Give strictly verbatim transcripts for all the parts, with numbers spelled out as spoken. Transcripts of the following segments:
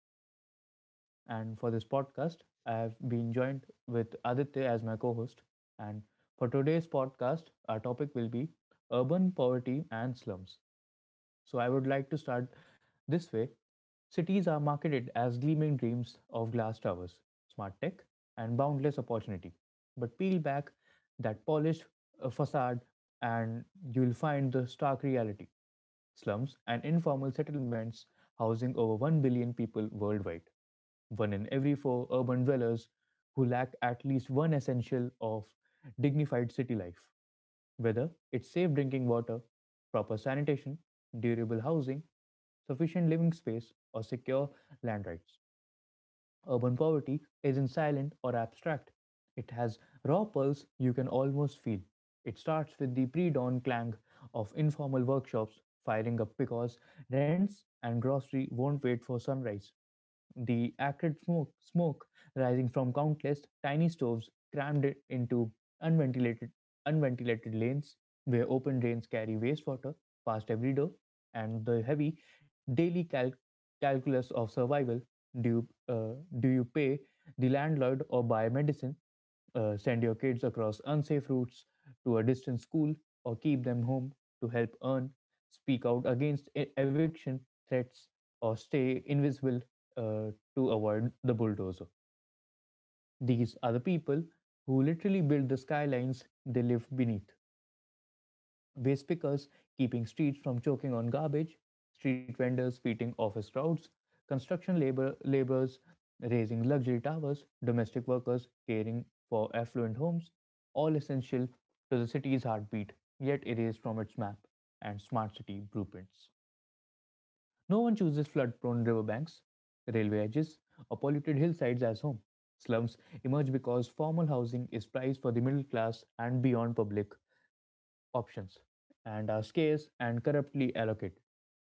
is your host, Siddhant. And for this podcast, I have been joined with Aditya as my co host. And for today's podcast, our topic will be urban poverty and slums. So I would like to start this way. Cities are marketed as gleaming dreams of glass towers, smart tech, and boundless opportunity. But peel back that polished uh, facade, and you'll find the stark reality, slums and informal settlements housing over one billion people worldwide. One in every four urban dwellers who lack at least one essential of dignified city life, whether it's safe drinking water, proper sanitation, durable housing, sufficient living space, or secure land rights. Urban poverty isn't silent or abstract. It has raw pulse you can almost feel. It starts with the pre dawn clang of informal workshops firing up because rents and grocery won't wait for sunrise. The acrid smoke, smoke rising from countless tiny stoves crammed it into unventilated, unventilated lanes where open drains carry wastewater past every door, and the heavy daily cal- calculus of survival. Do you, uh, do you pay the landlord or buy medicine, uh, send your kids across unsafe routes to a distant school or keep them home to help earn, speak out against e- eviction threats, or stay invisible, uh, to avoid the bulldozer? These are the people who literally build the skylines they live beneath. Waste pickers keeping streets from choking on garbage, street vendors feeding office crowds, construction labor laborers raising luxury towers, domestic workers caring for affluent homes, all essential to the city's heartbeat, yet erased from its map and smart city blueprints. No one chooses flood prone riverbanks, railway edges, or polluted hillsides as home. Slums emerge because formal housing is prized for the middle class and beyond, public options and are scarce and corruptly allocated.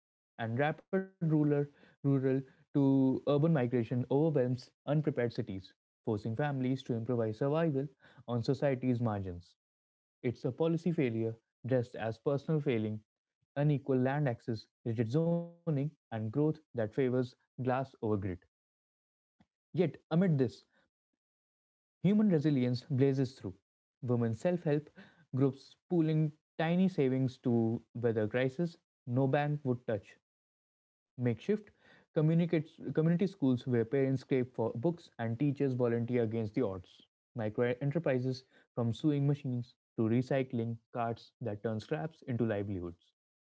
And rapid rural, rural to urban migration overwhelms unprepared cities, forcing families to improvise survival on society's margins. It's a policy failure dressed as personal failing, unequal land access, rigid zoning, and growth that favors glass over grid. Yet, amid this, human resilience blazes through. Women self help groups pooling tiny savings to weather crisis no bank would touch. Makeshift communicates, community schools where parents scrape for books and teachers volunteer against the odds. Micro enterprises from sewing machines to recycling carts that turn scraps into livelihoods.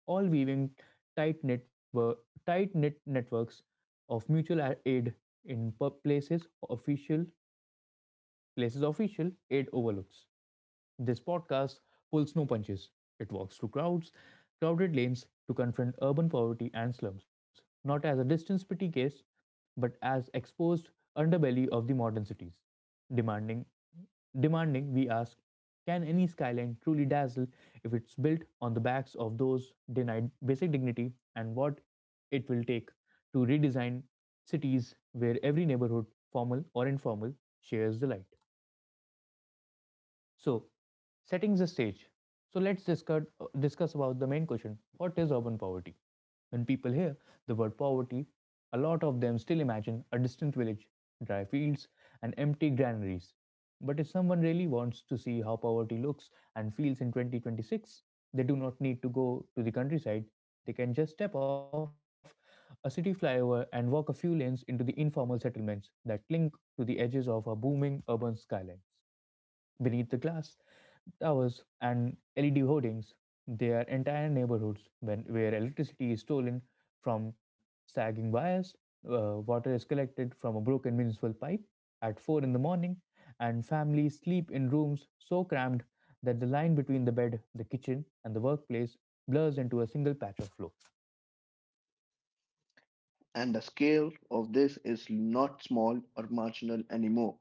All weaving tight network, tight knit networks of mutual aid in places official Places Official, it overlooks. This podcast pulls no punches. It walks through crowds, crowded lanes to confront urban poverty and slums, not as a distance pity case, but as exposed underbelly of the modern cities. Demanding, demanding, we ask, can any skyline truly dazzle if it's built on the backs of those denied basic dignity, and what it will take to redesign cities where every neighborhood, formal or informal, shares the light? So, setting the stage. So let's discuss discuss about the main question. What is urban poverty? When people hear the word poverty, a lot of them still imagine a distant village, dry fields, and empty granaries. But if someone really wants to see how poverty looks and feels in twenty twenty-six, they do not need to go to the countryside. They can just step off a city flyover and walk a few lanes into the informal settlements that cling to the edges of a booming urban skyline beneath the glass towers and L E D hoardings, their entire neighborhoods when, where electricity is stolen from sagging wires, uh, water is collected from a broken municipal pipe at four in the morning, and families sleep in rooms so crammed that the line between the bed, the kitchen, and the workplace blurs into a single patch of floor. And the scale of this is not small or marginal anymore.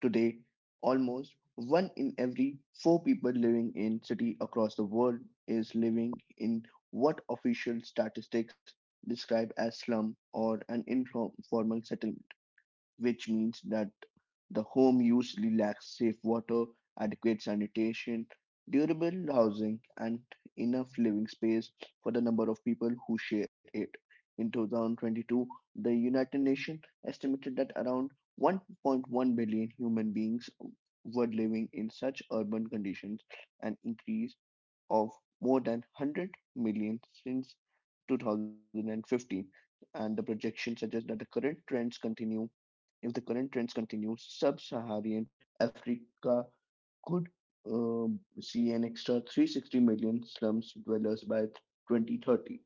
Today, almost one in every four people living in cities across the world is living in what official statistics describe as slum or an informal settlement, which means that the home usually lacks safe water, adequate sanitation, durable housing, and enough living space for the number of people who share it. In two thousand twenty-two, the United Nations estimated that around one point one billion human beings were living in such urban conditions, an increase of more than one hundred million since two thousand fifteen. And the projections suggest that the current trends continue if the current trends continue, sub-Saharan Africa could uh, see an extra three hundred sixty million slums dwellers by twenty thirty.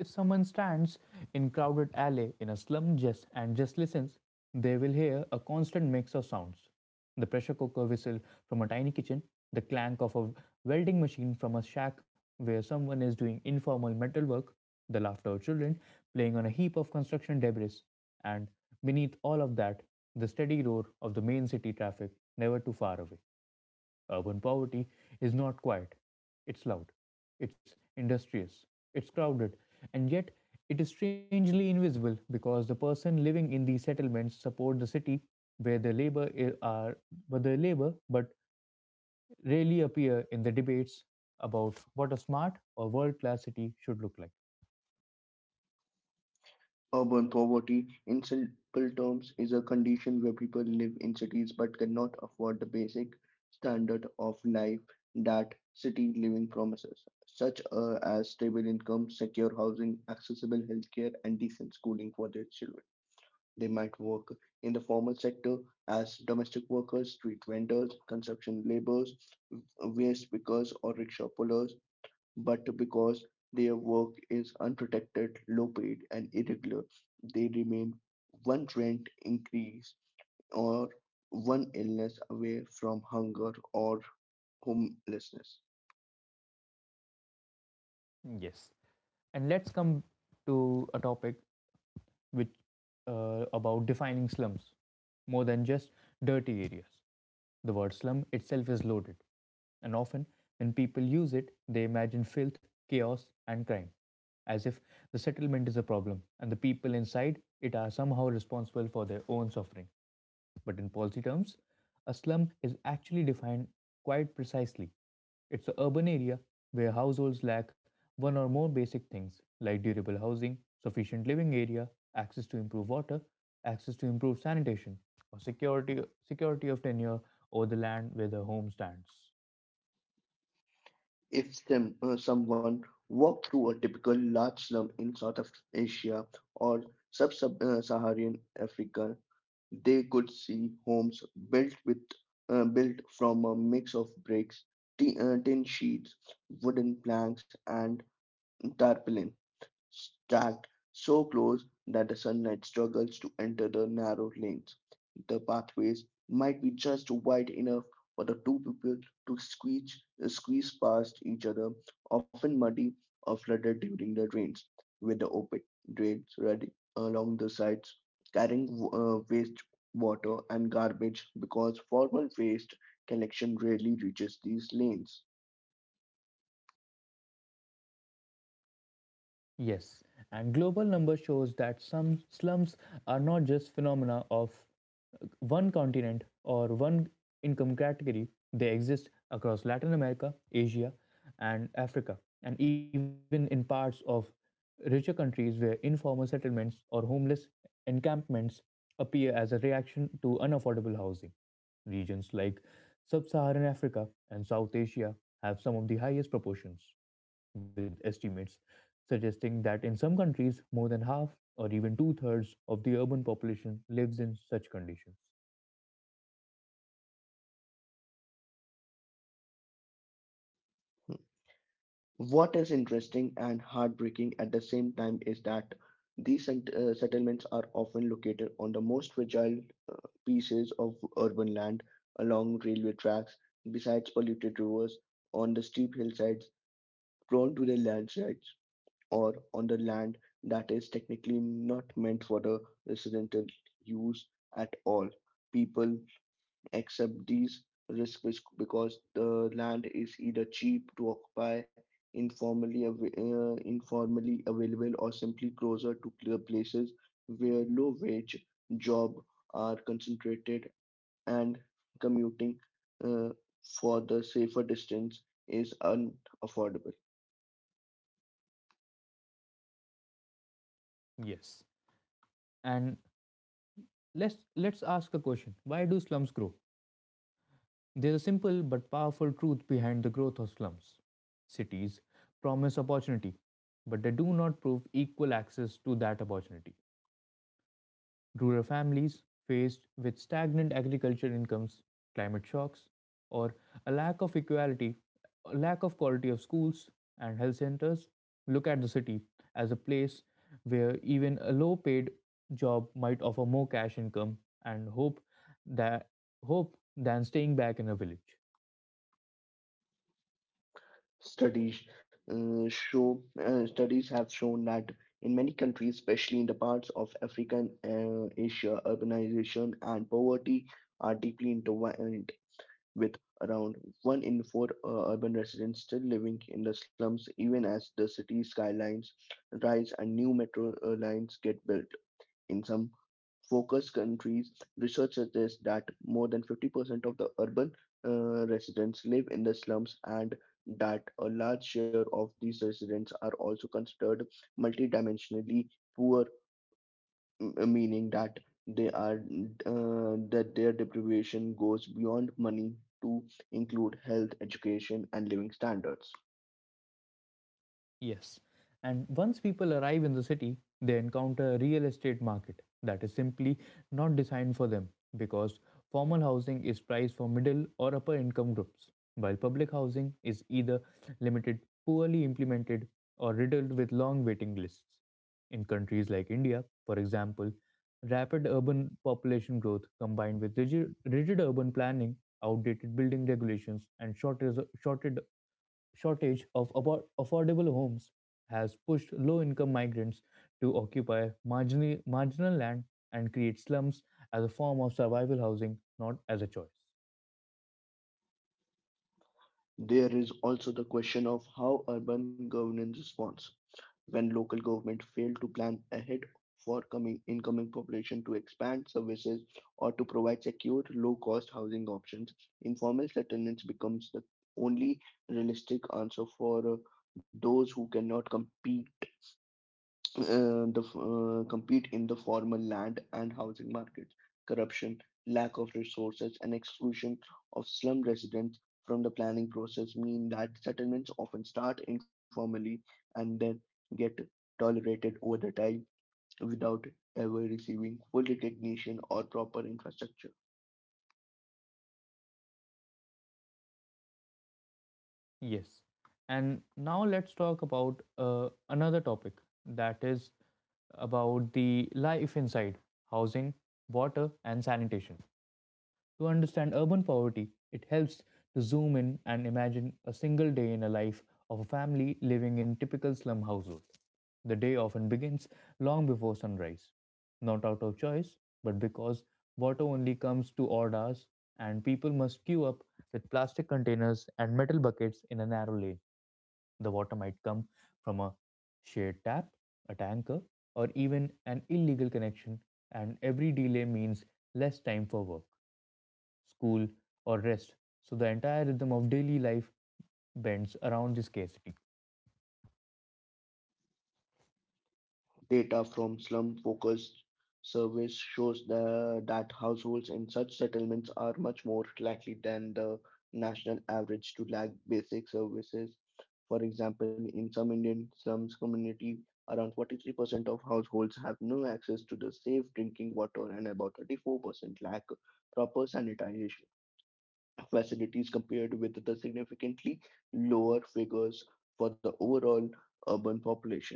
If someone stands in crowded alley in a slum just and just listens, they will hear a constant mix of sounds. The pressure cooker whistle from a tiny kitchen, the clank of a welding machine from a shack where someone is doing informal metal work, the laughter of children playing on a heap of construction debris, and beneath all of that, the steady roar of the main city traffic never too far away. Urban poverty is not quiet, it's loud, it's industrious, it's crowded, and yet it is strangely invisible because the person living in these settlements support the city where their labor are where their labor but rarely appear in the debates about what a smart or world class city should look like. Urban poverty, in simple terms, is a condition where people live in cities but cannot afford the basic standard of life that city living promises, such uh, as stable income, secure housing, accessible healthcare, and decent schooling for their children. They might work in the formal sector as domestic workers, street vendors, construction laborers, waste pickers, or rickshaw pullers, but because their work is unprotected, low paid, and irregular, they remain one rent increase or one illness away from hunger or homelessness. Yes. And let's come to a topic which, uh, about defining slums, more than just dirty areas. The word slum itself is loaded, and often when people use it, they imagine filth, chaos, and crime, as if the settlement is a problem and the people inside it are somehow responsible for their own suffering. But in policy terms, a slum is actually defined quite precisely. It's an urban area where households lack one or more basic things like durable housing, sufficient living area, access to improved water, access to improved sanitation, or security security of tenure over the land where the home stands. If some, uh, someone walked through a typical large slum in South Af- Asia or sub-Saharan Africa, they could see homes built with uh, built from a mix of bricks, t- uh, tin sheets, wooden planks, and tarpaulins stacked so close that the sunlight struggles to enter the narrow lanes. The pathways might be just wide enough for the two people to squeeze, squeeze past each other, often muddy or flooded during the rains, with the open drains running along the sides, carrying uh, waste water and garbage because formal waste collection rarely reaches these lanes. Yes, and global number shows that some slums are not just phenomena of uh, one continent or one income category. They exist across Latin America, Asia, and Africa, and even in parts of richer countries where informal settlements or homeless encampments appear as a reaction to unaffordable housing. Regions like Sub Saharan Africa and South Asia have some of the highest proportions, with estimates suggesting that in some countries, more than half or even two thirds of the urban population lives in such conditions. What is interesting and heartbreaking at the same time is that these sent- uh, settlements are often located on the most fragile uh, pieces of urban land, along railway tracks, besides polluted rivers, on the steep hillsides prone to the landslides, or on the land that is technically not meant for the residential use at all. People accept these risks because the land is either cheap to occupy, informally av- uh, informally available, or simply closer to clear places where low wage jobs are concentrated and commuting uh, for the safer distance is unaffordable. Yes. And let's, let's ask a question, why do slums grow? There's a simple but powerful truth behind the growth of slums. Cities promise opportunity, but they do not prove equal access to that opportunity. Rural families faced with stagnant agriculture incomes, climate shocks, or a lack of equality, a lack of quality of schools and health centers, look at the city as a place where even a low paid job might offer more cash income and hope that hope than staying back in a village. Studies uh, show uh, Studies have shown that in many countries, especially in the parts of Africa and uh, Asia, urbanization and poverty are deeply intertwined, with around one in four uh, urban residents still living in the slums, even as the city skylines rise and new metro uh, lines get built. In some focus countries, research suggests that more than fifty percent of the urban uh, residents live in the slums and that a large share of these residents are also considered multidimensionally poor, m- meaning that they are uh, that their deprivation goes beyond money to include health, education, and living standards. Yes. And once people arrive in the city, they encounter a real estate market that is simply not designed for them because formal housing is priced for middle or upper income groups, while public housing is either limited, poorly implemented, or riddled with long waiting lists. In countries like India, for example, rapid urban population growth combined with rigid, rigid urban planning, outdated building regulations, and short, shorted shortage of abo- affordable homes has pushed low income migrants to occupy marginally, marginal land and create slums as a form of survival housing, not as a choice. There is also the question of how urban governance responds. When local government fail to plan ahead for coming incoming population, to expand services, or to provide secure low cost housing options, informal settlements becomes the only realistic answer for uh, those who cannot compete uh, the uh, compete in the formal land and housing markets. Corruption, lack of resources, and exclusion of slum residents from the planning process mean that settlements often start informally and then get tolerated over the time without ever receiving full recognition or proper infrastructure. Yes. And now let's talk about uh, another topic that is about the life inside housing, water, and sanitation. To understand urban poverty, it helps to zoom in and imagine a single day in a life of a family living in typical slum household. The day often begins long before sunrise, not out of choice, but because water only comes to odd hours and people must queue up with plastic containers and metal buckets in a narrow lane. The water might come from a shared tap, a tanker, or even an illegal connection, and every delay means less time for work, school, or rest, so the entire rhythm of daily life bends around this scarcity. Data from Slum Focus Service shows the, that households in such settlements are much more likely than the national average to lack basic services. For example, in some Indian slums community, around forty-three percent of households have no access to the safe drinking water and about thirty-four percent lack proper sanitation facilities compared with the significantly lower figures for the overall urban population.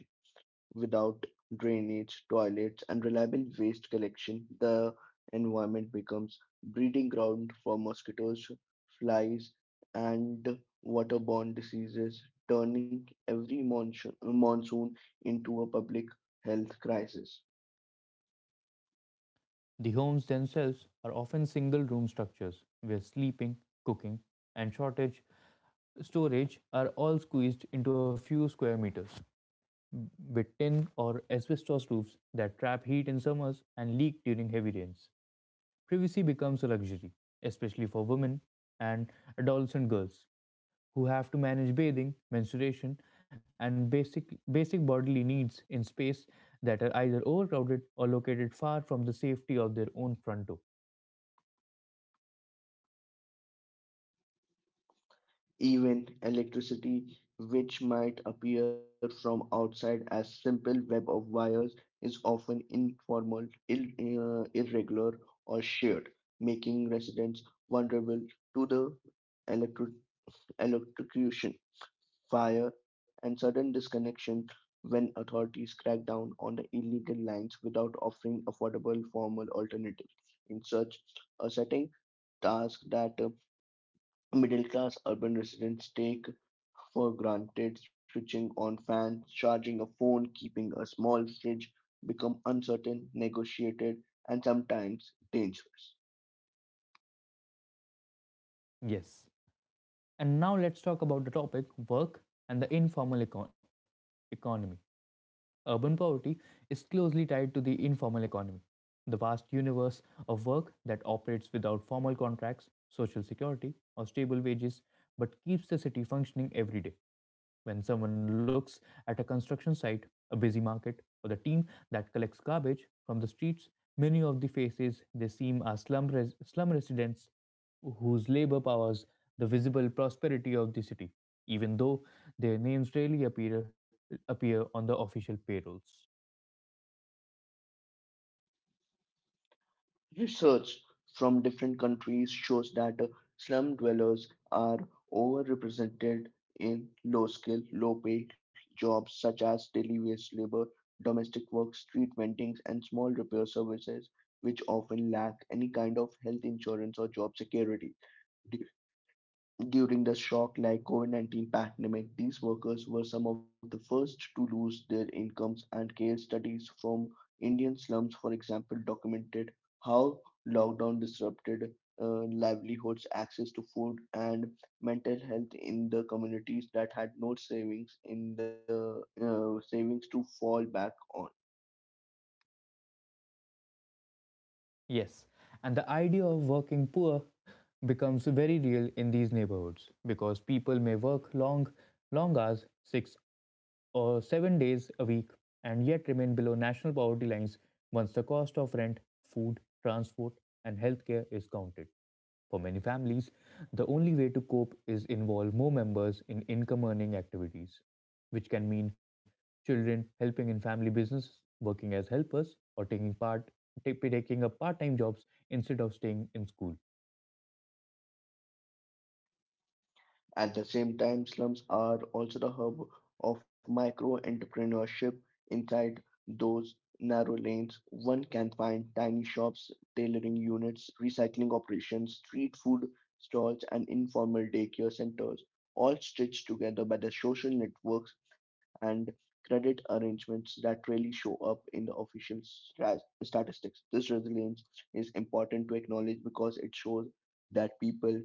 Without drainage, toilets, and reliable waste collection, the environment becomes breeding ground for mosquitoes, flies, and waterborne diseases, turning every monsoon, monsoon into a public health crisis. The homes themselves are often single room structures where sleeping, cooking, and shortage storage are all squeezed into a few square meters with tin or asbestos roofs that trap heat in summers and leak during heavy rains. Privacy becomes a luxury, especially for women and adolescent girls who have to manage bathing, menstruation, and basic basic bodily needs in space that are either overcrowded or located far from the safety of their own front door. Even electricity, which might appear from outside as simple web of wires, is often informal, ill, uh, irregular, or shared, making residents vulnerable to the electro- electrocution, fire, and sudden disconnection when authorities crack down on the illegal lines without offering affordable formal alternatives. In such a setting, tasks that uh, middle class urban residents take for granted, switching on fans, charging a phone, keeping a small fridge, become uncertain, negotiated, and sometimes dangerous. Yes. And now let's talk about the topic work and the informal econ- economy. Urban poverty is closely tied to the informal economy, the vast universe of work that operates without formal contracts, social security, or stable wages, but keeps the city functioning every day. When someone looks at a construction site, a busy market, or the team that collects garbage from the streets, many of the faces they seem are slum, res- slum residents whose labor powers the visible prosperity of the city, even though their names rarely appear, appear on the official payrolls. Research from different countries shows that uh, slum dwellers are overrepresented in low skill, low paid jobs such as daily wage labor, domestic work, street vending, and small repair services, which often lack any kind of health insurance or job security. Du- During the shock like COVID nineteen pandemic, these workers were some of the first to lose their incomes, and case studies from Indian slums, for example, documented how lockdown disrupted uh, livelihoods, access to food, and mental health in the communities that had no savings in the uh, savings to fall back on. Yes, and the idea of working poor becomes very real in these neighborhoods because people may work long, long hours, six or seven days a week, and yet remain below national poverty lines once the cost of rent, food, transport, and healthcare is counted. For many families, the only way to cope is involve more members in income earning activities, which can mean children helping in family businesses, working as helpers, or taking part ta- taking up part-time jobs instead of staying in school. At the same time, slums are also the hub of micro entrepreneurship. Inside those narrow lanes, one can find tiny shops, tailoring units, recycling operations, street food stalls, and informal daycare centers, all stitched together by the social networks and credit arrangements that rarely show up in the official stra- statistics. This resilience is important to acknowledge because it shows that people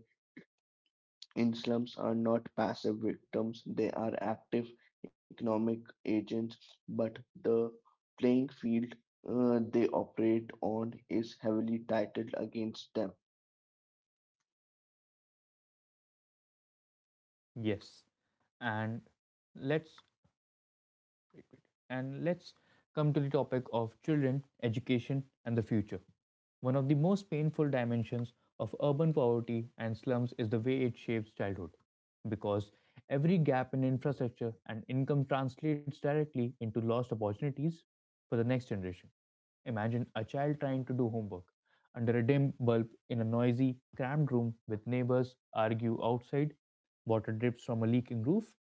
in slums are not passive victims, they are active economic agents, but the playing field uh, they operate on is heavily titled against them. Yes, and let's, great, great. And let's come to the topic of children, education, and the future. One of the most painful dimensions of urban poverty and slums is the way it shapes childhood, because every gap in infrastructure and income translates directly into lost opportunities for the next generation. Imagine a child trying to do homework under a dim bulb in a noisy, cramped room with neighbors argue outside, water drips from a leaking roof,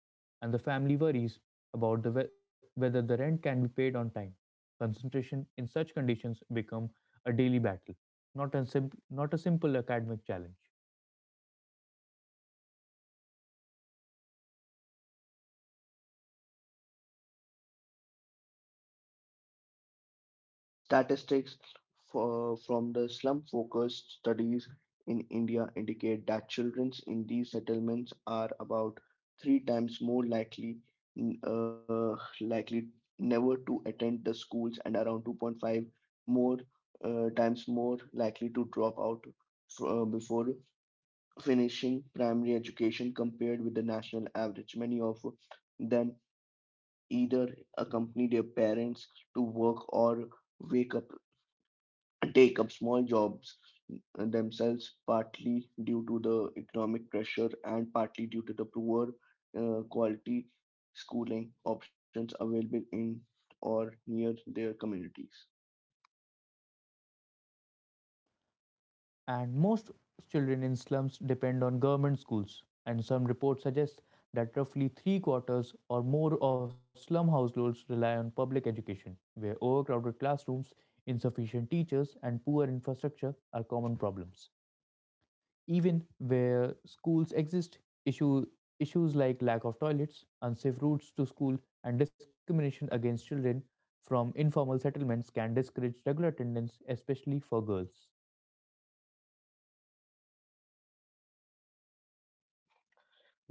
and the family worries about the, whe- whether the rent can be paid on time. Concentration in such conditions become a daily battle, not a, simp- not a simple academic challenge. Statistics for, from the slum focused studies in India indicate that children in these settlements are about three times more likely uh, likely never to attend the schools and around two point five more uh, times more likely to drop out uh, before finishing primary education compared with the national average. Many of them either accompany their parents to work or wake up take up small jobs themselves, partly due to the economic pressure and partly due to the poor uh, quality schooling options available in or near their communities. And most children in slums depend on government schools, and some reports suggest that roughly three quarters or more of slum households rely on public education, where overcrowded classrooms, insufficient teachers, and poor infrastructure are common problems. Even where schools exist, issue, issues like lack of toilets, unsafe routes to school, and discrimination against children from informal settlements can discourage regular attendance, especially for girls.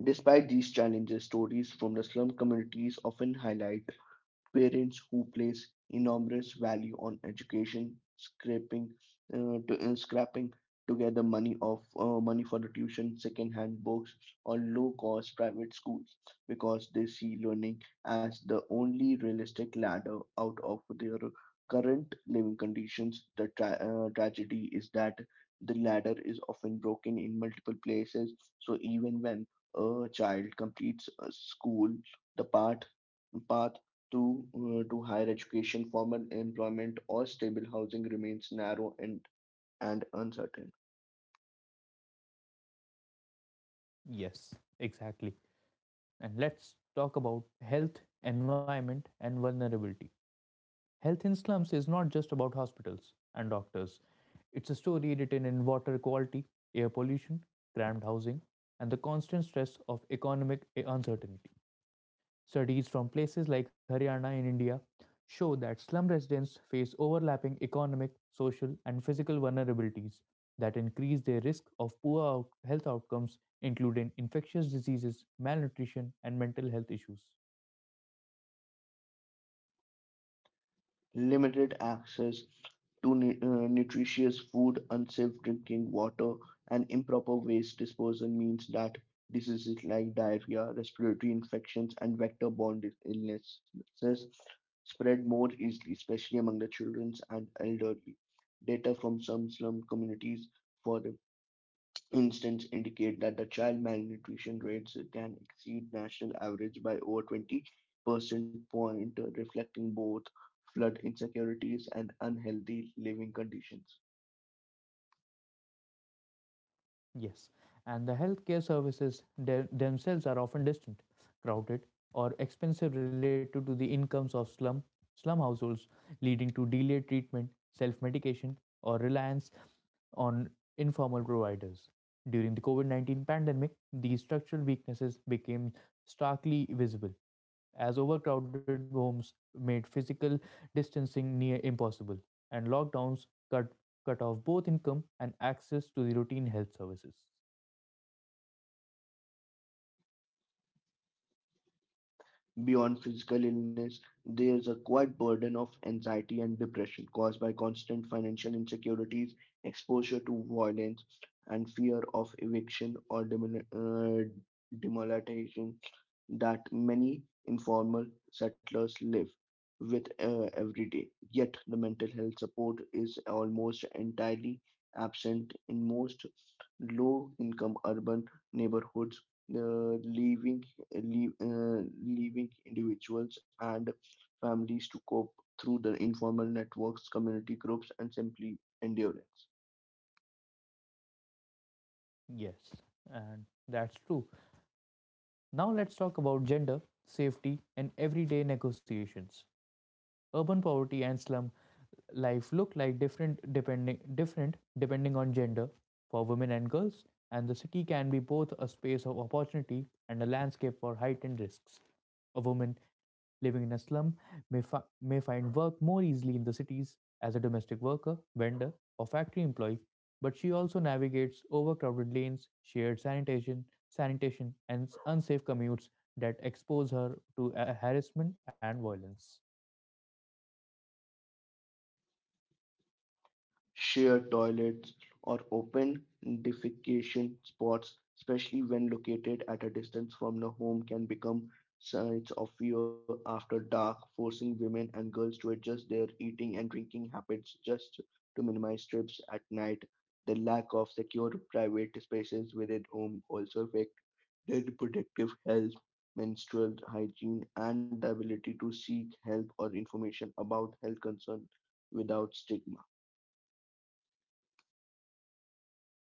Despite these challenges, stories from the slum communities often highlight parents who place enormous value on education, scraping, uh, to, uh, scrapping together money of uh, money for the tuition, second-hand books, or low-cost private schools because they see learning as the only realistic ladder out of their current living conditions. The tra- uh, tragedy is that the ladder is often broken in multiple places, so even when a child completes a school, the path path to uh, to higher education, formal employment, or stable housing remains narrow and and uncertain. Yes, exactly. And let's talk about health, environment, and vulnerability. Health in slums is not just about hospitals and doctors, it's a story written in water quality, air pollution, cramped housing, and the constant stress of economic uncertainty. Studies from places like Haryana in India show that slum residents face overlapping economic, social, and physical vulnerabilities that increase their risk of poor out- health outcomes, including infectious diseases, malnutrition, and mental health issues. Limited access to nu- uh, nutritious food, unsafe drinking water, and improper waste disposal means that diseases like diarrhea, respiratory infections, and vector-borne dis- illnesses spread more easily, especially among the children and elderly. Data from some slum communities for instance indicate that the child malnutrition rates can exceed national average by over twenty percent point, reflecting both flood insecurities and unhealthy living conditions. Yes, and the healthcare services the- themselves are often distant, crowded, or expensive related to the incomes of slum slum households, leading to delayed treatment, self-medication, or reliance on informal providers. During the COVID nineteen pandemic, these structural weaknesses became starkly visible as overcrowded homes made physical distancing near impossible, and lockdowns cut, cut off both income and access to the routine health services. Beyond physical illness, there is a quiet burden of anxiety and depression caused by constant financial insecurities, exposure to violence, and fear of eviction or demol- uh, demoralization that many informal settlers live with uh, every day, yet the mental health support is almost entirely absent in most low income urban neighborhoods. Uh, leaving leave, uh, Leaving individuals and families to cope through the informal networks, community groups, and simply endurance. Yes, and that's true. Now let's talk about gender, safety, and everyday negotiations. Urban poverty and slum life look like different depending different depending on gender for women and girls, and the city can be both a space of opportunity and a landscape for heightened risks. A woman living in a slum may, fi- may find work more easily in the cities as a domestic worker, vendor, or factory employee, but she also navigates overcrowded lanes, shared sanitation, sanitation, and unsafe commutes that expose her to uh, harassment and violence. Shared toilets, or open defecation spots, especially when located at a distance from the home, can become sites of fear after dark, forcing women and girls to adjust their eating and drinking habits just to minimize trips at night. The lack of secure private spaces within home also affect their reproductive health, menstrual hygiene, and the ability to seek help or information about health concerns without stigma.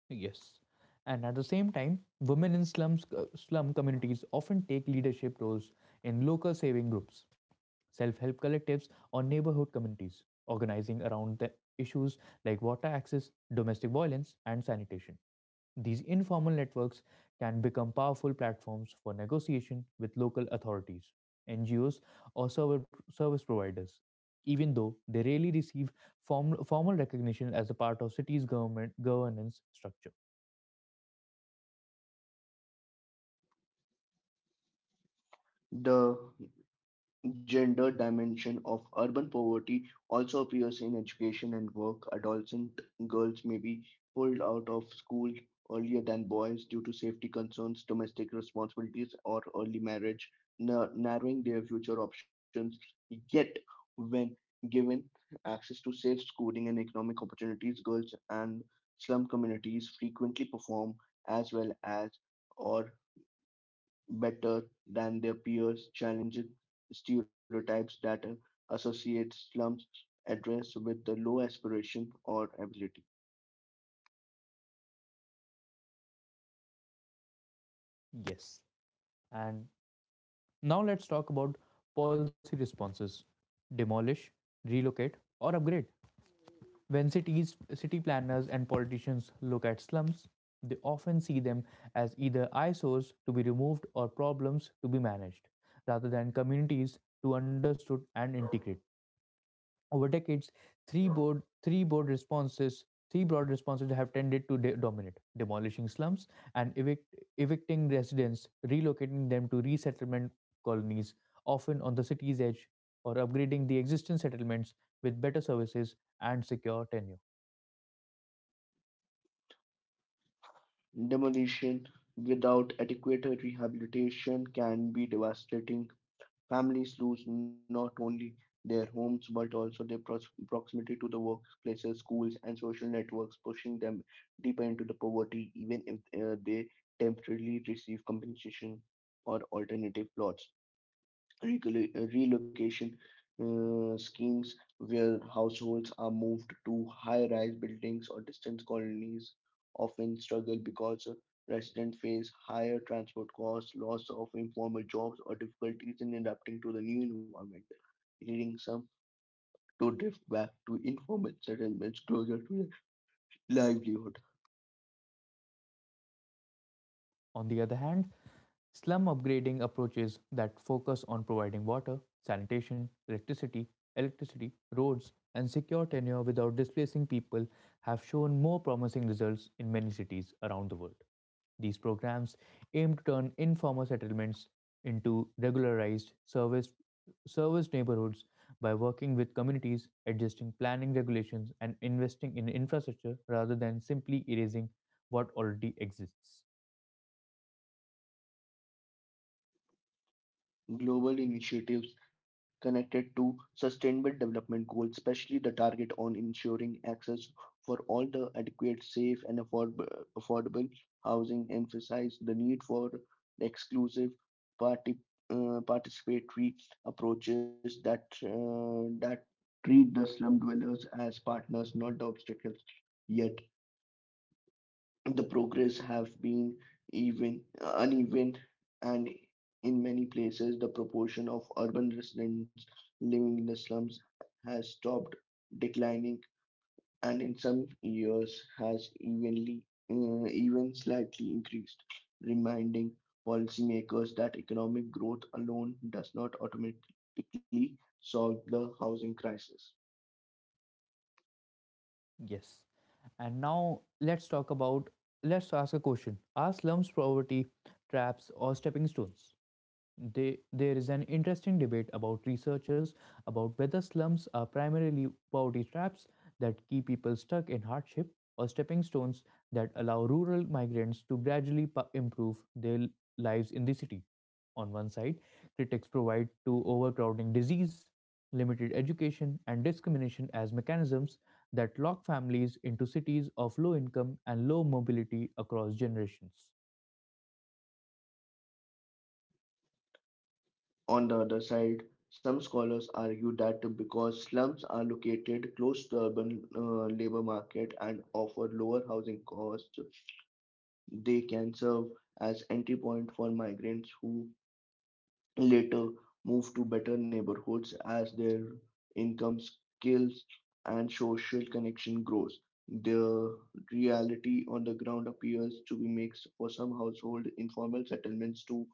Yes. And at the same time, women in slums, uh, slum communities often take leadership roles in local saving groups, self help collectives, or neighborhood communities, organizing around the issues like water access, domestic violence, and sanitation. These informal networks can become powerful platforms for negotiation with local authorities, N G Os, or server, service providers, even though they rarely receive form, formal recognition as a part of cities' government governance structure. The gender dimension of urban poverty also appears in education and work. Adolescent girls may be pulled out of school earlier than boys due to safety concerns, domestic responsibilities, or early marriage, nar- narrowing their future options. Yet, when given access to safe schooling and economic opportunities, girls and slum communities frequently perform as well as or better than their peers, challenging stereotypes that uh, associate slums address with the low aspiration or ability. Yes. And now let's talk about policy responses demolish, relocate, or upgrade. When cities, city planners and politicians look at slums, they often see them as either eyesores to be removed or problems to be managed, rather than communities to understood and integrate. Over decades, three broad three broad responses three broad responses have tended to de- dominate: demolishing slums and evict- evicting residents, relocating them to resettlement colonies, often on the city's edge, or upgrading the existing settlements with better services and secure tenure. Demolition without adequate rehabilitation can be devastating. Families lose not only their homes but also their pros- proximity to the workplaces, schools, and social networks, pushing them deeper into the poverty, even if uh, they temporarily receive compensation or alternative plots. Recolo- uh, relocation uh, schemes where households are moved to high-rise buildings or distant colonies often struggle because residents face higher transport costs, loss of informal jobs, or difficulties in adapting to the new environment, leading some to drift back to informal settlements closer to their livelihood. On the other hand, slum upgrading approaches that focus on providing water, sanitation, electricity, electricity, roads, and secure tenure without displacing people have shown more promising results in many cities around the world. These programs aim to turn informal settlements into regularized service serviced neighborhoods by working with communities, adjusting planning regulations, and investing in infrastructure rather than simply erasing what already exists. Global initiatives connected to sustainable development goals, especially the target on ensuring access for all the adequate, safe, and affordable, affordable housing, emphasize the need for exclusive parti- uh, participatory approaches that uh, that treat the slum dwellers as partners, not the obstacles. Yet the progress have been even uneven and in many places the proportion of urban residents living in the slums has stopped declining and in some years has evenly uh, even slightly increased, reminding policymakers that economic growth alone does not automatically solve the housing crisis. Yes. And now let's talk about let's ask a question. Are slums poverty traps or stepping stones? They, there is an interesting debate about researchers about whether slums are primarily poverty traps that keep people stuck in hardship or stepping stones that allow rural migrants to gradually pa- improve their lives in the city. On one side, critics provide to overcrowding disease, limited education, and discrimination as mechanisms that lock families into cities of low income and low mobility across generations. On the other side, some scholars argue that because slums are located close to urban uh, labor market and offer lower housing costs, they can serve as entry point for migrants who later move to better neighborhoods as their income, skills, and social connection grows. The reality on the ground appears to be mixed. For some household, informal settlements to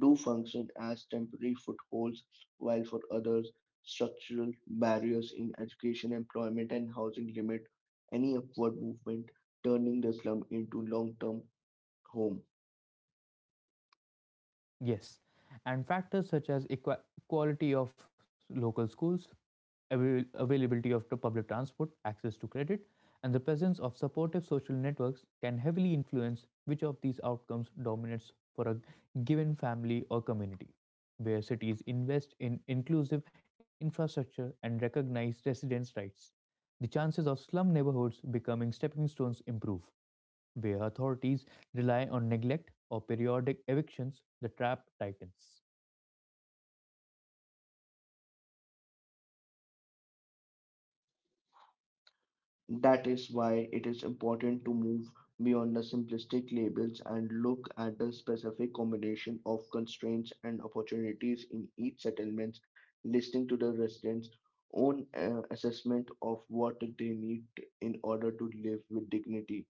do function as temporary footholds, while for others, structural barriers in education, employment, and housing limit any upward movement, turning the slum into long-term home. Yes, and factors such as equa- quality of local schools, avail- availability of the public transport, access to credit, and the presence of supportive social networks can heavily influence which of these outcomes dominates for a given family or community. Where cities invest in inclusive infrastructure and recognize residents' rights, the chances of slum neighborhoods becoming stepping stones improve. Where authorities rely on neglect or periodic evictions, the trap tightens. That is why it is important to move beyond the simplistic labels and look at the specific combination of constraints and opportunities in each settlement, listening to the residents' own uh, assessment of what they need in order to live with dignity.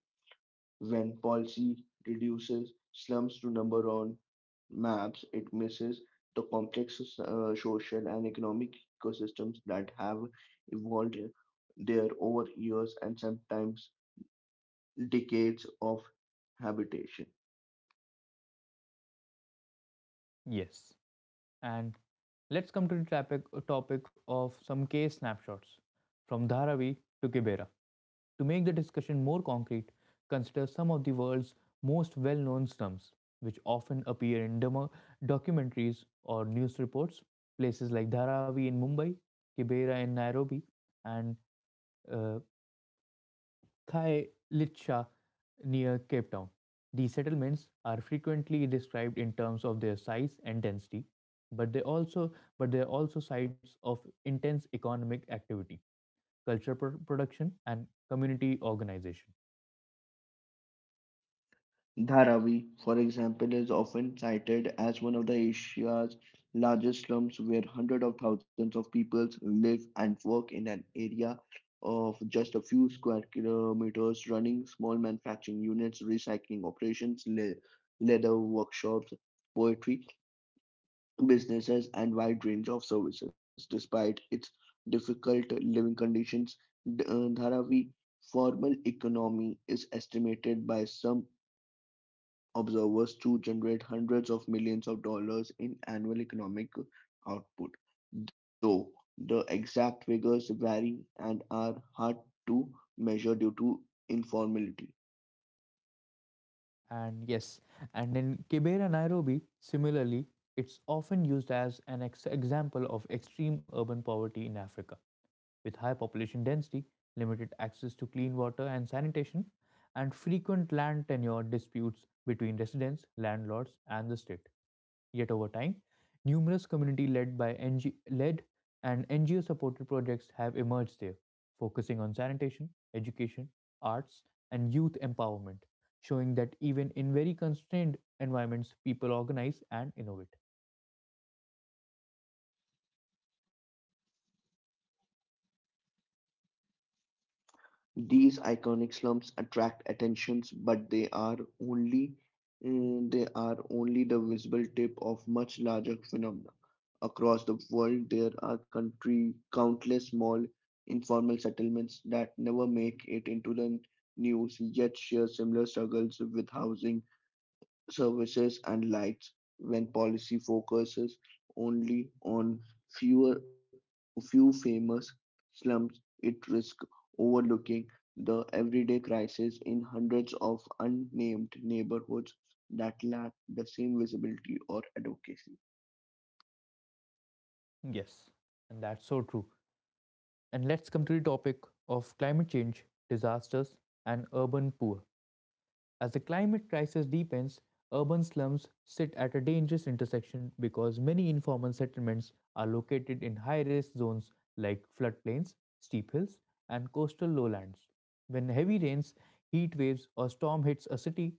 When policy reduces slums to number on maps, it misses the complex uh, social and economic ecosystems that have evolved there over years and sometimes decades of habitation. Yes. And let's come to the topic, topic of some case snapshots from Dharavi to Kibera. To make the discussion more concrete, consider some of the world's most well known slums, which often appear in demo- documentaries or news reports. Places like Dharavi in Mumbai, Kibera in Nairobi, and uh, Thai near Cape Town. These settlements are frequently described in terms of their size and density, but they also but they are also sites of intense economic activity, culture pro- production, and community organization. Dharavi, for example, is often cited as one of the Asia's largest slums where hundreds of thousands of people live and work in an area of just a few square kilometers, running small manufacturing units, recycling operations, le- leather workshops, poetry businesses, and wide range of services. Despite its difficult living conditions, D- uh, Dharavi formal economy is estimated by some observers to generate hundreds of millions of dollars in annual economic output, though the exact figures vary and are hard to measure due to informality. And yes, and in Kibera Nairobi, similarly, it's often used as an ex- example of extreme urban poverty in Africa, with high population density, limited access to clean water and sanitation, and frequent land tenure disputes between residents, landlords, and the state. Yet over time, numerous community led by NG- led and N G O supported projects have emerged there, focusing on sanitation, education, arts, and youth empowerment, showing that even in very constrained environments, people organize and innovate. These iconic slums attract attentions, but they are only mm, they are only the visible tip of much larger phenomena. Across the world, there are country countless small informal settlements that never make it into the news, yet share similar struggles with housing services and lights when policy focuses only on fewer few famous slums. It risks overlooking the everyday crisis in hundreds of unnamed neighborhoods that lack the same visibility or advocacy. Yes, and that's so true. And let's come to the topic of climate change, disasters, and urban poor. As the climate crisis deepens, urban slums sit at a dangerous intersection because many informal settlements are located in high risk zones like floodplains, steep hills, and coastal lowlands. When heavy rains, heat waves, or storm hits a city,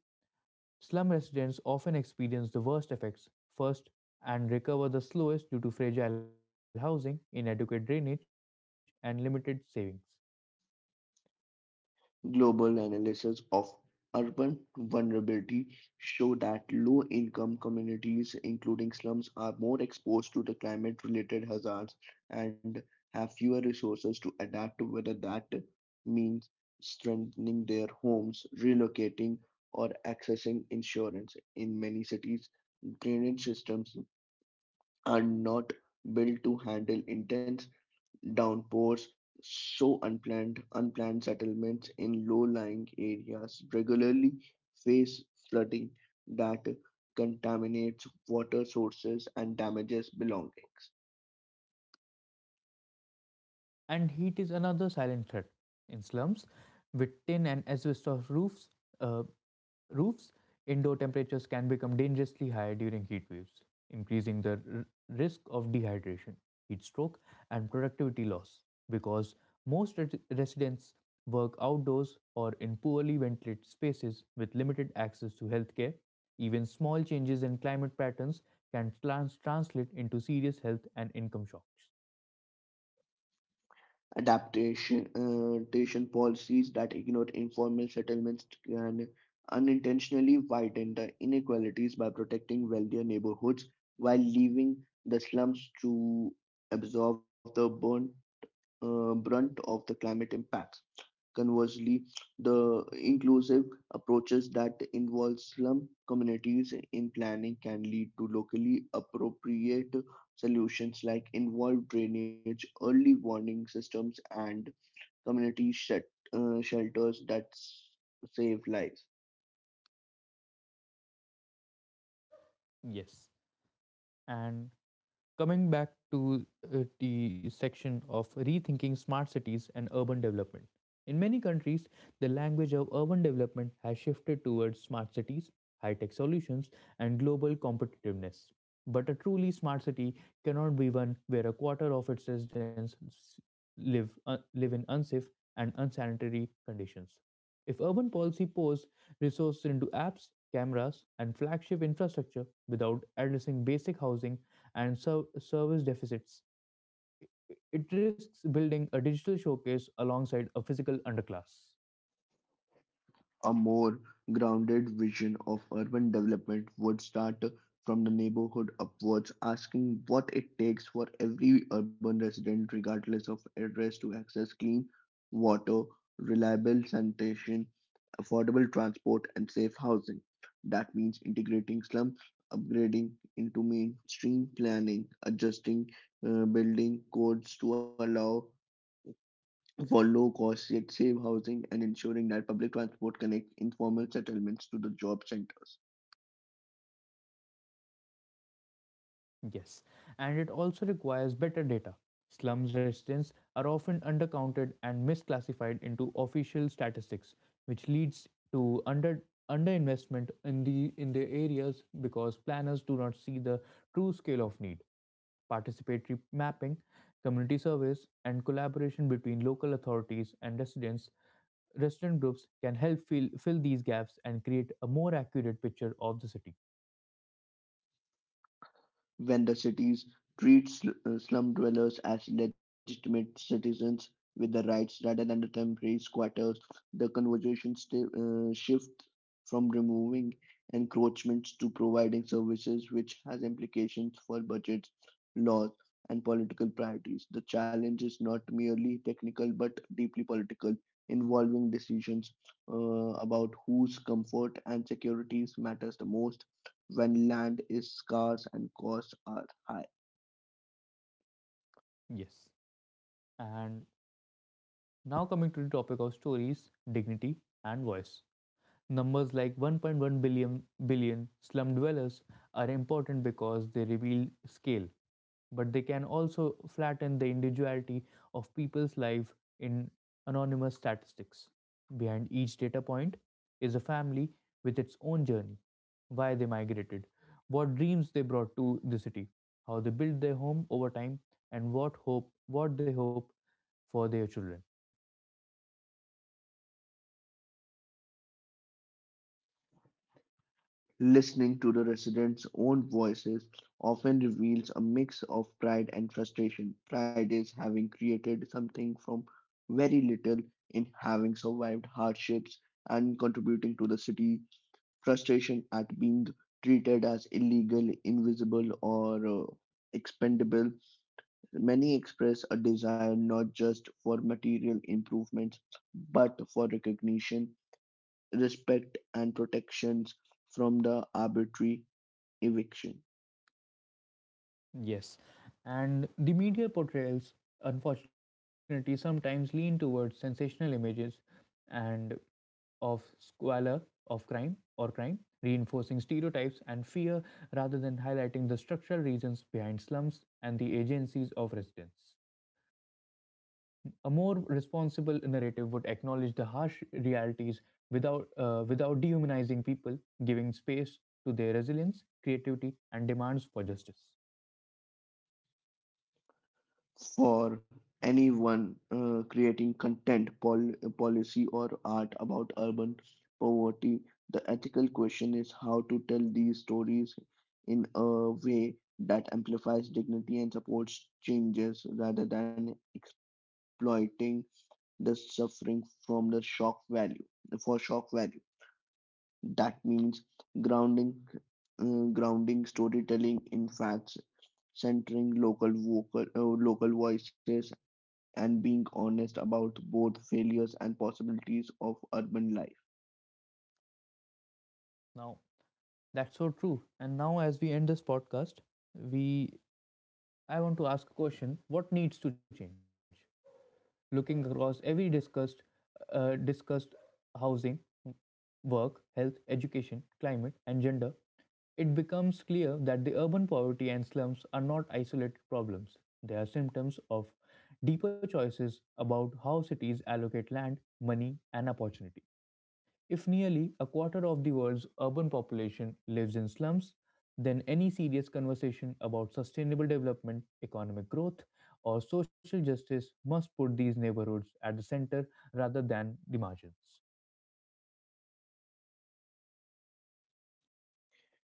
slum residents often experience the worst effects first and recover the slowest due to fragile housing, inadequate drainage, and limited savings. Global analysis of urban vulnerability show that low-income communities, including slums, are more exposed to the climate-related hazards and have fewer resources to adapt, whether that means strengthening their homes, relocating, or accessing insurance. In many cities, drainage systems are not built to handle intense Downpours, so unplanned unplanned settlements in low-lying areas regularly face flooding that contaminates water sources and damages belongings. And heat is another silent threat in slums with tin and asbestos roofs. Uh, roofs Indoor temperatures can become dangerously high during heat waves, increasing the r- risk of dehydration, heat stroke, and productivity loss because most re- residents work outdoors or in poorly ventilated spaces with limited access to healthcare. Even small changes in climate patterns can trans- translate into serious health and income shocks. Adaptation uh, adaptation policies that ignore informal settlements can unintentionally widen the inequalities by protecting wealthier neighborhoods while leaving the slums to absorb the burn, uh, brunt of the climate impacts. Conversely, the inclusive approaches that involve slum communities in planning can lead to locally appropriate solutions like involved drainage, early warning systems, and community shet- uh, shelters that s- save lives. Yes. And coming back to uh, the section of rethinking smart cities and urban development. In many countries, the language of urban development has shifted towards smart cities, high tech solutions, and global competitiveness. But a truly smart city cannot be one where a quarter of its residents live, uh, live in unsafe and unsanitary conditions. If urban policy pours resources into apps, cameras, and flagship infrastructure without addressing basic housing and ser- service deficits, it risks building a digital showcase alongside a physical underclass. A more grounded vision of urban development would start from the neighborhood upwards, asking what it takes for every urban resident, regardless of address, to access clean water, reliable sanitation, affordable transport, and safe housing. That means integrating slums, upgrading into mainstream planning, adjusting uh, building codes to allow for low cost, yet safe housing, and ensuring that public transport connects informal settlements to the job centers. Yes, and it also requires better data. Slum residents are often undercounted and misclassified into official statistics, which leads to under underinvestment in the in the areas because planners do not see the true scale of need. Participatory mapping, community surveys, and collaboration between local authorities and residents resident groups can help fill, fill these gaps and create a more accurate picture of the city. When the cities treat sl- uh, slum dwellers as legitimate citizens with the rights rather than the temporary squatters, the conversation sti- uh, shifts from removing encroachments to providing services, which has implications for budgets, laws, and political priorities. The challenge is not merely technical but deeply political, involving decisions uh, about whose comfort and securities matters the most when land is scarce and costs are high. Yes. And now, coming to the topic of stories, dignity, and voice. Numbers like one point one billion, billion slum dwellers are important because they reveal scale, but they can also flatten the individuality of people's life in anonymous statistics. Behind each data point is a family with its own journey why they migrated, what dreams they brought to the city, how they built their home over time, and what hope what they hope for their children. Listening to the residents' own voices often reveals a mix of pride and frustration. Pride is having created something from very little, in having survived hardships and contributing to the city; frustration at being treated as illegal, invisible, or uh, expendable. Many express a desire not just for material improvements but for recognition, respect, and protections from the arbitrary eviction Yes, and the media portrayals, unfortunately, sometimes lean towards sensational images and of squalor of crime or crime, reinforcing stereotypes and fear rather than highlighting the structural reasons behind slums and the agencies of residents. A more responsible narrative would acknowledge the harsh realities without uh, without dehumanizing people, giving space to their resilience, creativity, and demands for justice. for anyone uh, creating content, pol- policy, or art about urban poverty. The ethical question is how to tell these stories in a way that amplifies dignity and supports changes rather than exploiting the suffering from the shock value for shock value. That means grounding, uh, grounding storytelling in facts, centering local vocal, uh, local voices, and being honest about both failures and possibilities of urban life. Now, that's so true. And now, as we end this podcast, we I want to ask a question: What needs to change? Looking across every discussed uh, discussed housing, work, health, education, climate, and gender, it becomes clear that the urban poverty and slums are not isolated problems. They are symptoms of deeper choices about how cities allocate land, money, and opportunity. If nearly a quarter of the world's urban population lives in slums, then any serious conversation about sustainable development, economic growth, or social justice must put these neighborhoods at the center rather than the margins.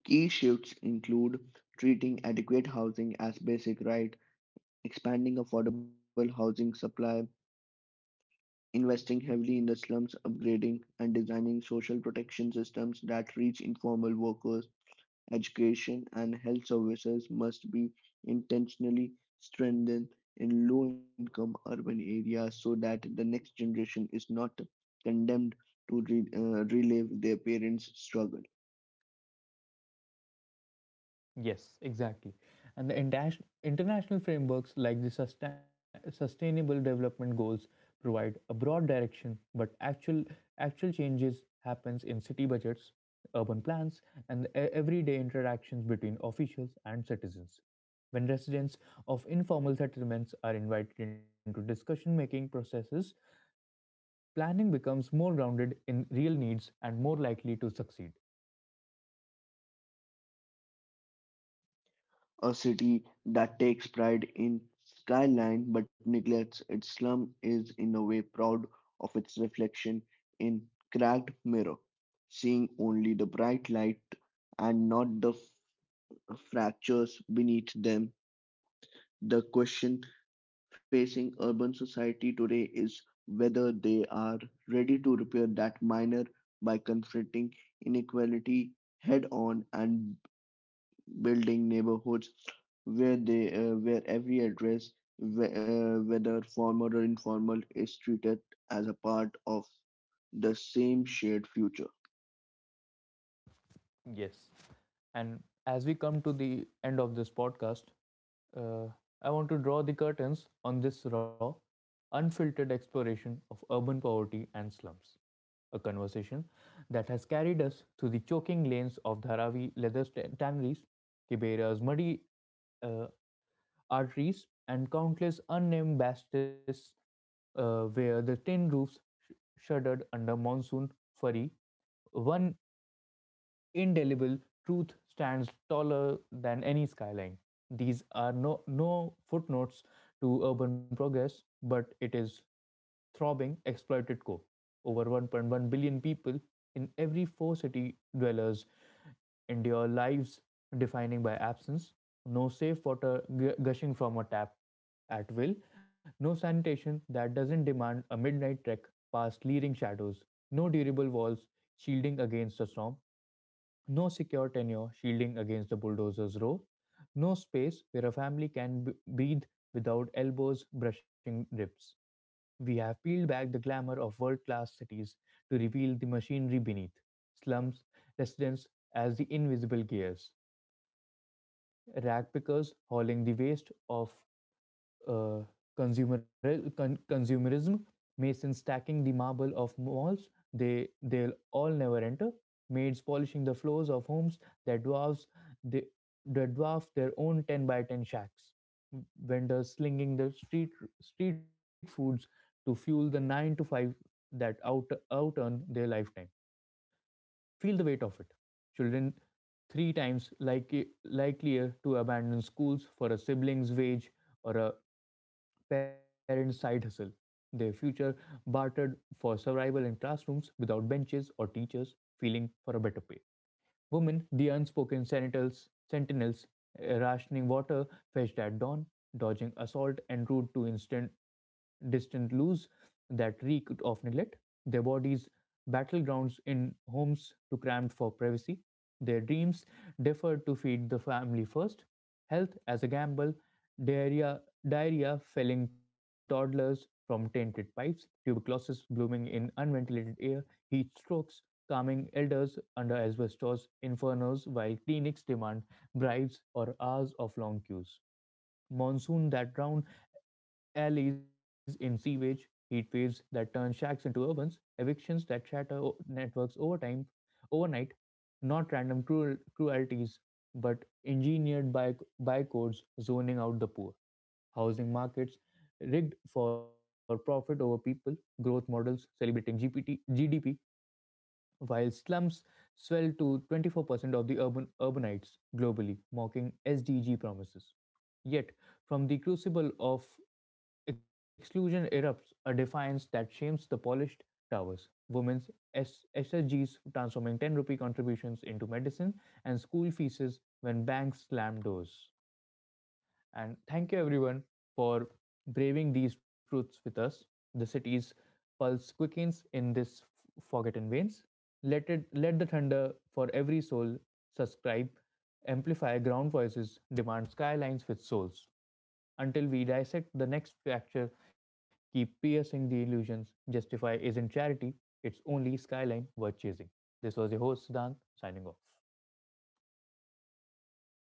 Key shifts include treating adequate housing as basic right, expanding affordable housing supply, investing heavily in the slums, upgrading and designing social protection systems that reach informal workers. Education and health services must be intentionally strengthened in low income urban areas so that the next generation is not condemned to re- uh, relive their parents' struggle. Yes, exactly. And the intas- international frameworks like the sustain- Sustainable Development Goals provide a broad direction, but actual actual changes happens in city budgets, urban plans, and e- everyday interactions between officials and citizens. When residents of informal settlements are invited into discussion making processes, planning becomes more grounded in real needs and more likely to succeed. A city that takes pride in skyline but neglects its slum is in a way proud of its reflection in cracked mirror, seeing only the bright light and not the f- fractures beneath them. The question facing urban society today is whether they are ready to repair that minor by confronting inequality head on and building neighborhoods where they uh, where every address wh- uh, whether formal or informal is treated as a part of the same shared future. Yes. And as we come to the end of this podcast, uh, I want to draw the curtains on this raw, unfiltered exploration of urban poverty and slums. A conversation that has carried us through the choking lanes of Dharavi leather st- tanneries, Kibera's muddy uh, arteries, and countless unnamed bastions uh, where the tin roofs sh- shuddered under monsoon fury, one indelible truth stands taller than any skyline. These are no, no footnotes to urban progress, but it is throbbing exploited core. Over one point one billion people in every four city dwellers endure lives defining by absence, no safe water gushing from a tap at will, no sanitation that doesn't demand a midnight trek past leering shadows, no durable walls shielding against a storm, no secure tenure shielding against the bulldozer's row. No space where a family can b- breathe without elbows brushing ribs. We have peeled back the glamour of world class cities to reveal the machinery beneath slums, residents as the invisible gears, rag pickers hauling the waste of uh, consumer con- consumerism, masons stacking the marble of malls they they'll all never enter, maids polishing the floors of homes that dwarfs they, that dwarf their own ten by ten shacks, vendors slinging the street street foods to fuel the nine to five that out out earn their lifetime. Feel the weight of it. Children three times like, likelier to abandon schools for a sibling's wage or a parents side hustle. Their future bartered for survival in classrooms without benches or teachers feeling for a better pay. Women, the unspoken sentinels, sentinels uh, rationing water fetched at dawn, dodging assault en route to instant, distant loos that reeked of neglect. Their bodies battlegrounds in homes too cramped for privacy. Their dreams deferred to feed the family first. Health as a gamble, diarrhea, diarrhea felling toddlers from tainted pipes, tuberculosis blooming in unventilated air, heat strokes calming elders under asbestos infernos while clinics demand bribes or hours of long queues, monsoon that drown alleys in sewage, heat waves that turn shacks into urbans, evictions that shatter o- networks over time, overnight, not random cruel, cruelties, but engineered by, bycodes zoning out the poor. Housing markets rigged for profit over people, growth models celebrating G P T, G D P, while slums swell to twenty-four percent of the urban urbanites globally, mocking S D G promises. Yet, from the crucible of exclusion erupts a defiance that shames the polished towers. Women's S- SSGs transforming ten rupee contributions into medicine and school fees when banks slam doors. And thank you, everyone, for braving these truths with us. The city's pulse quickens in this forgotten veins. Let it let the thunder for every soul subscribe, amplify ground voices, demand skylines with souls. Until we dissect the next fracture, keep piercing the illusions. Justify isn't charity; it's only skyline worth chasing. This was your host Siddhant signing off.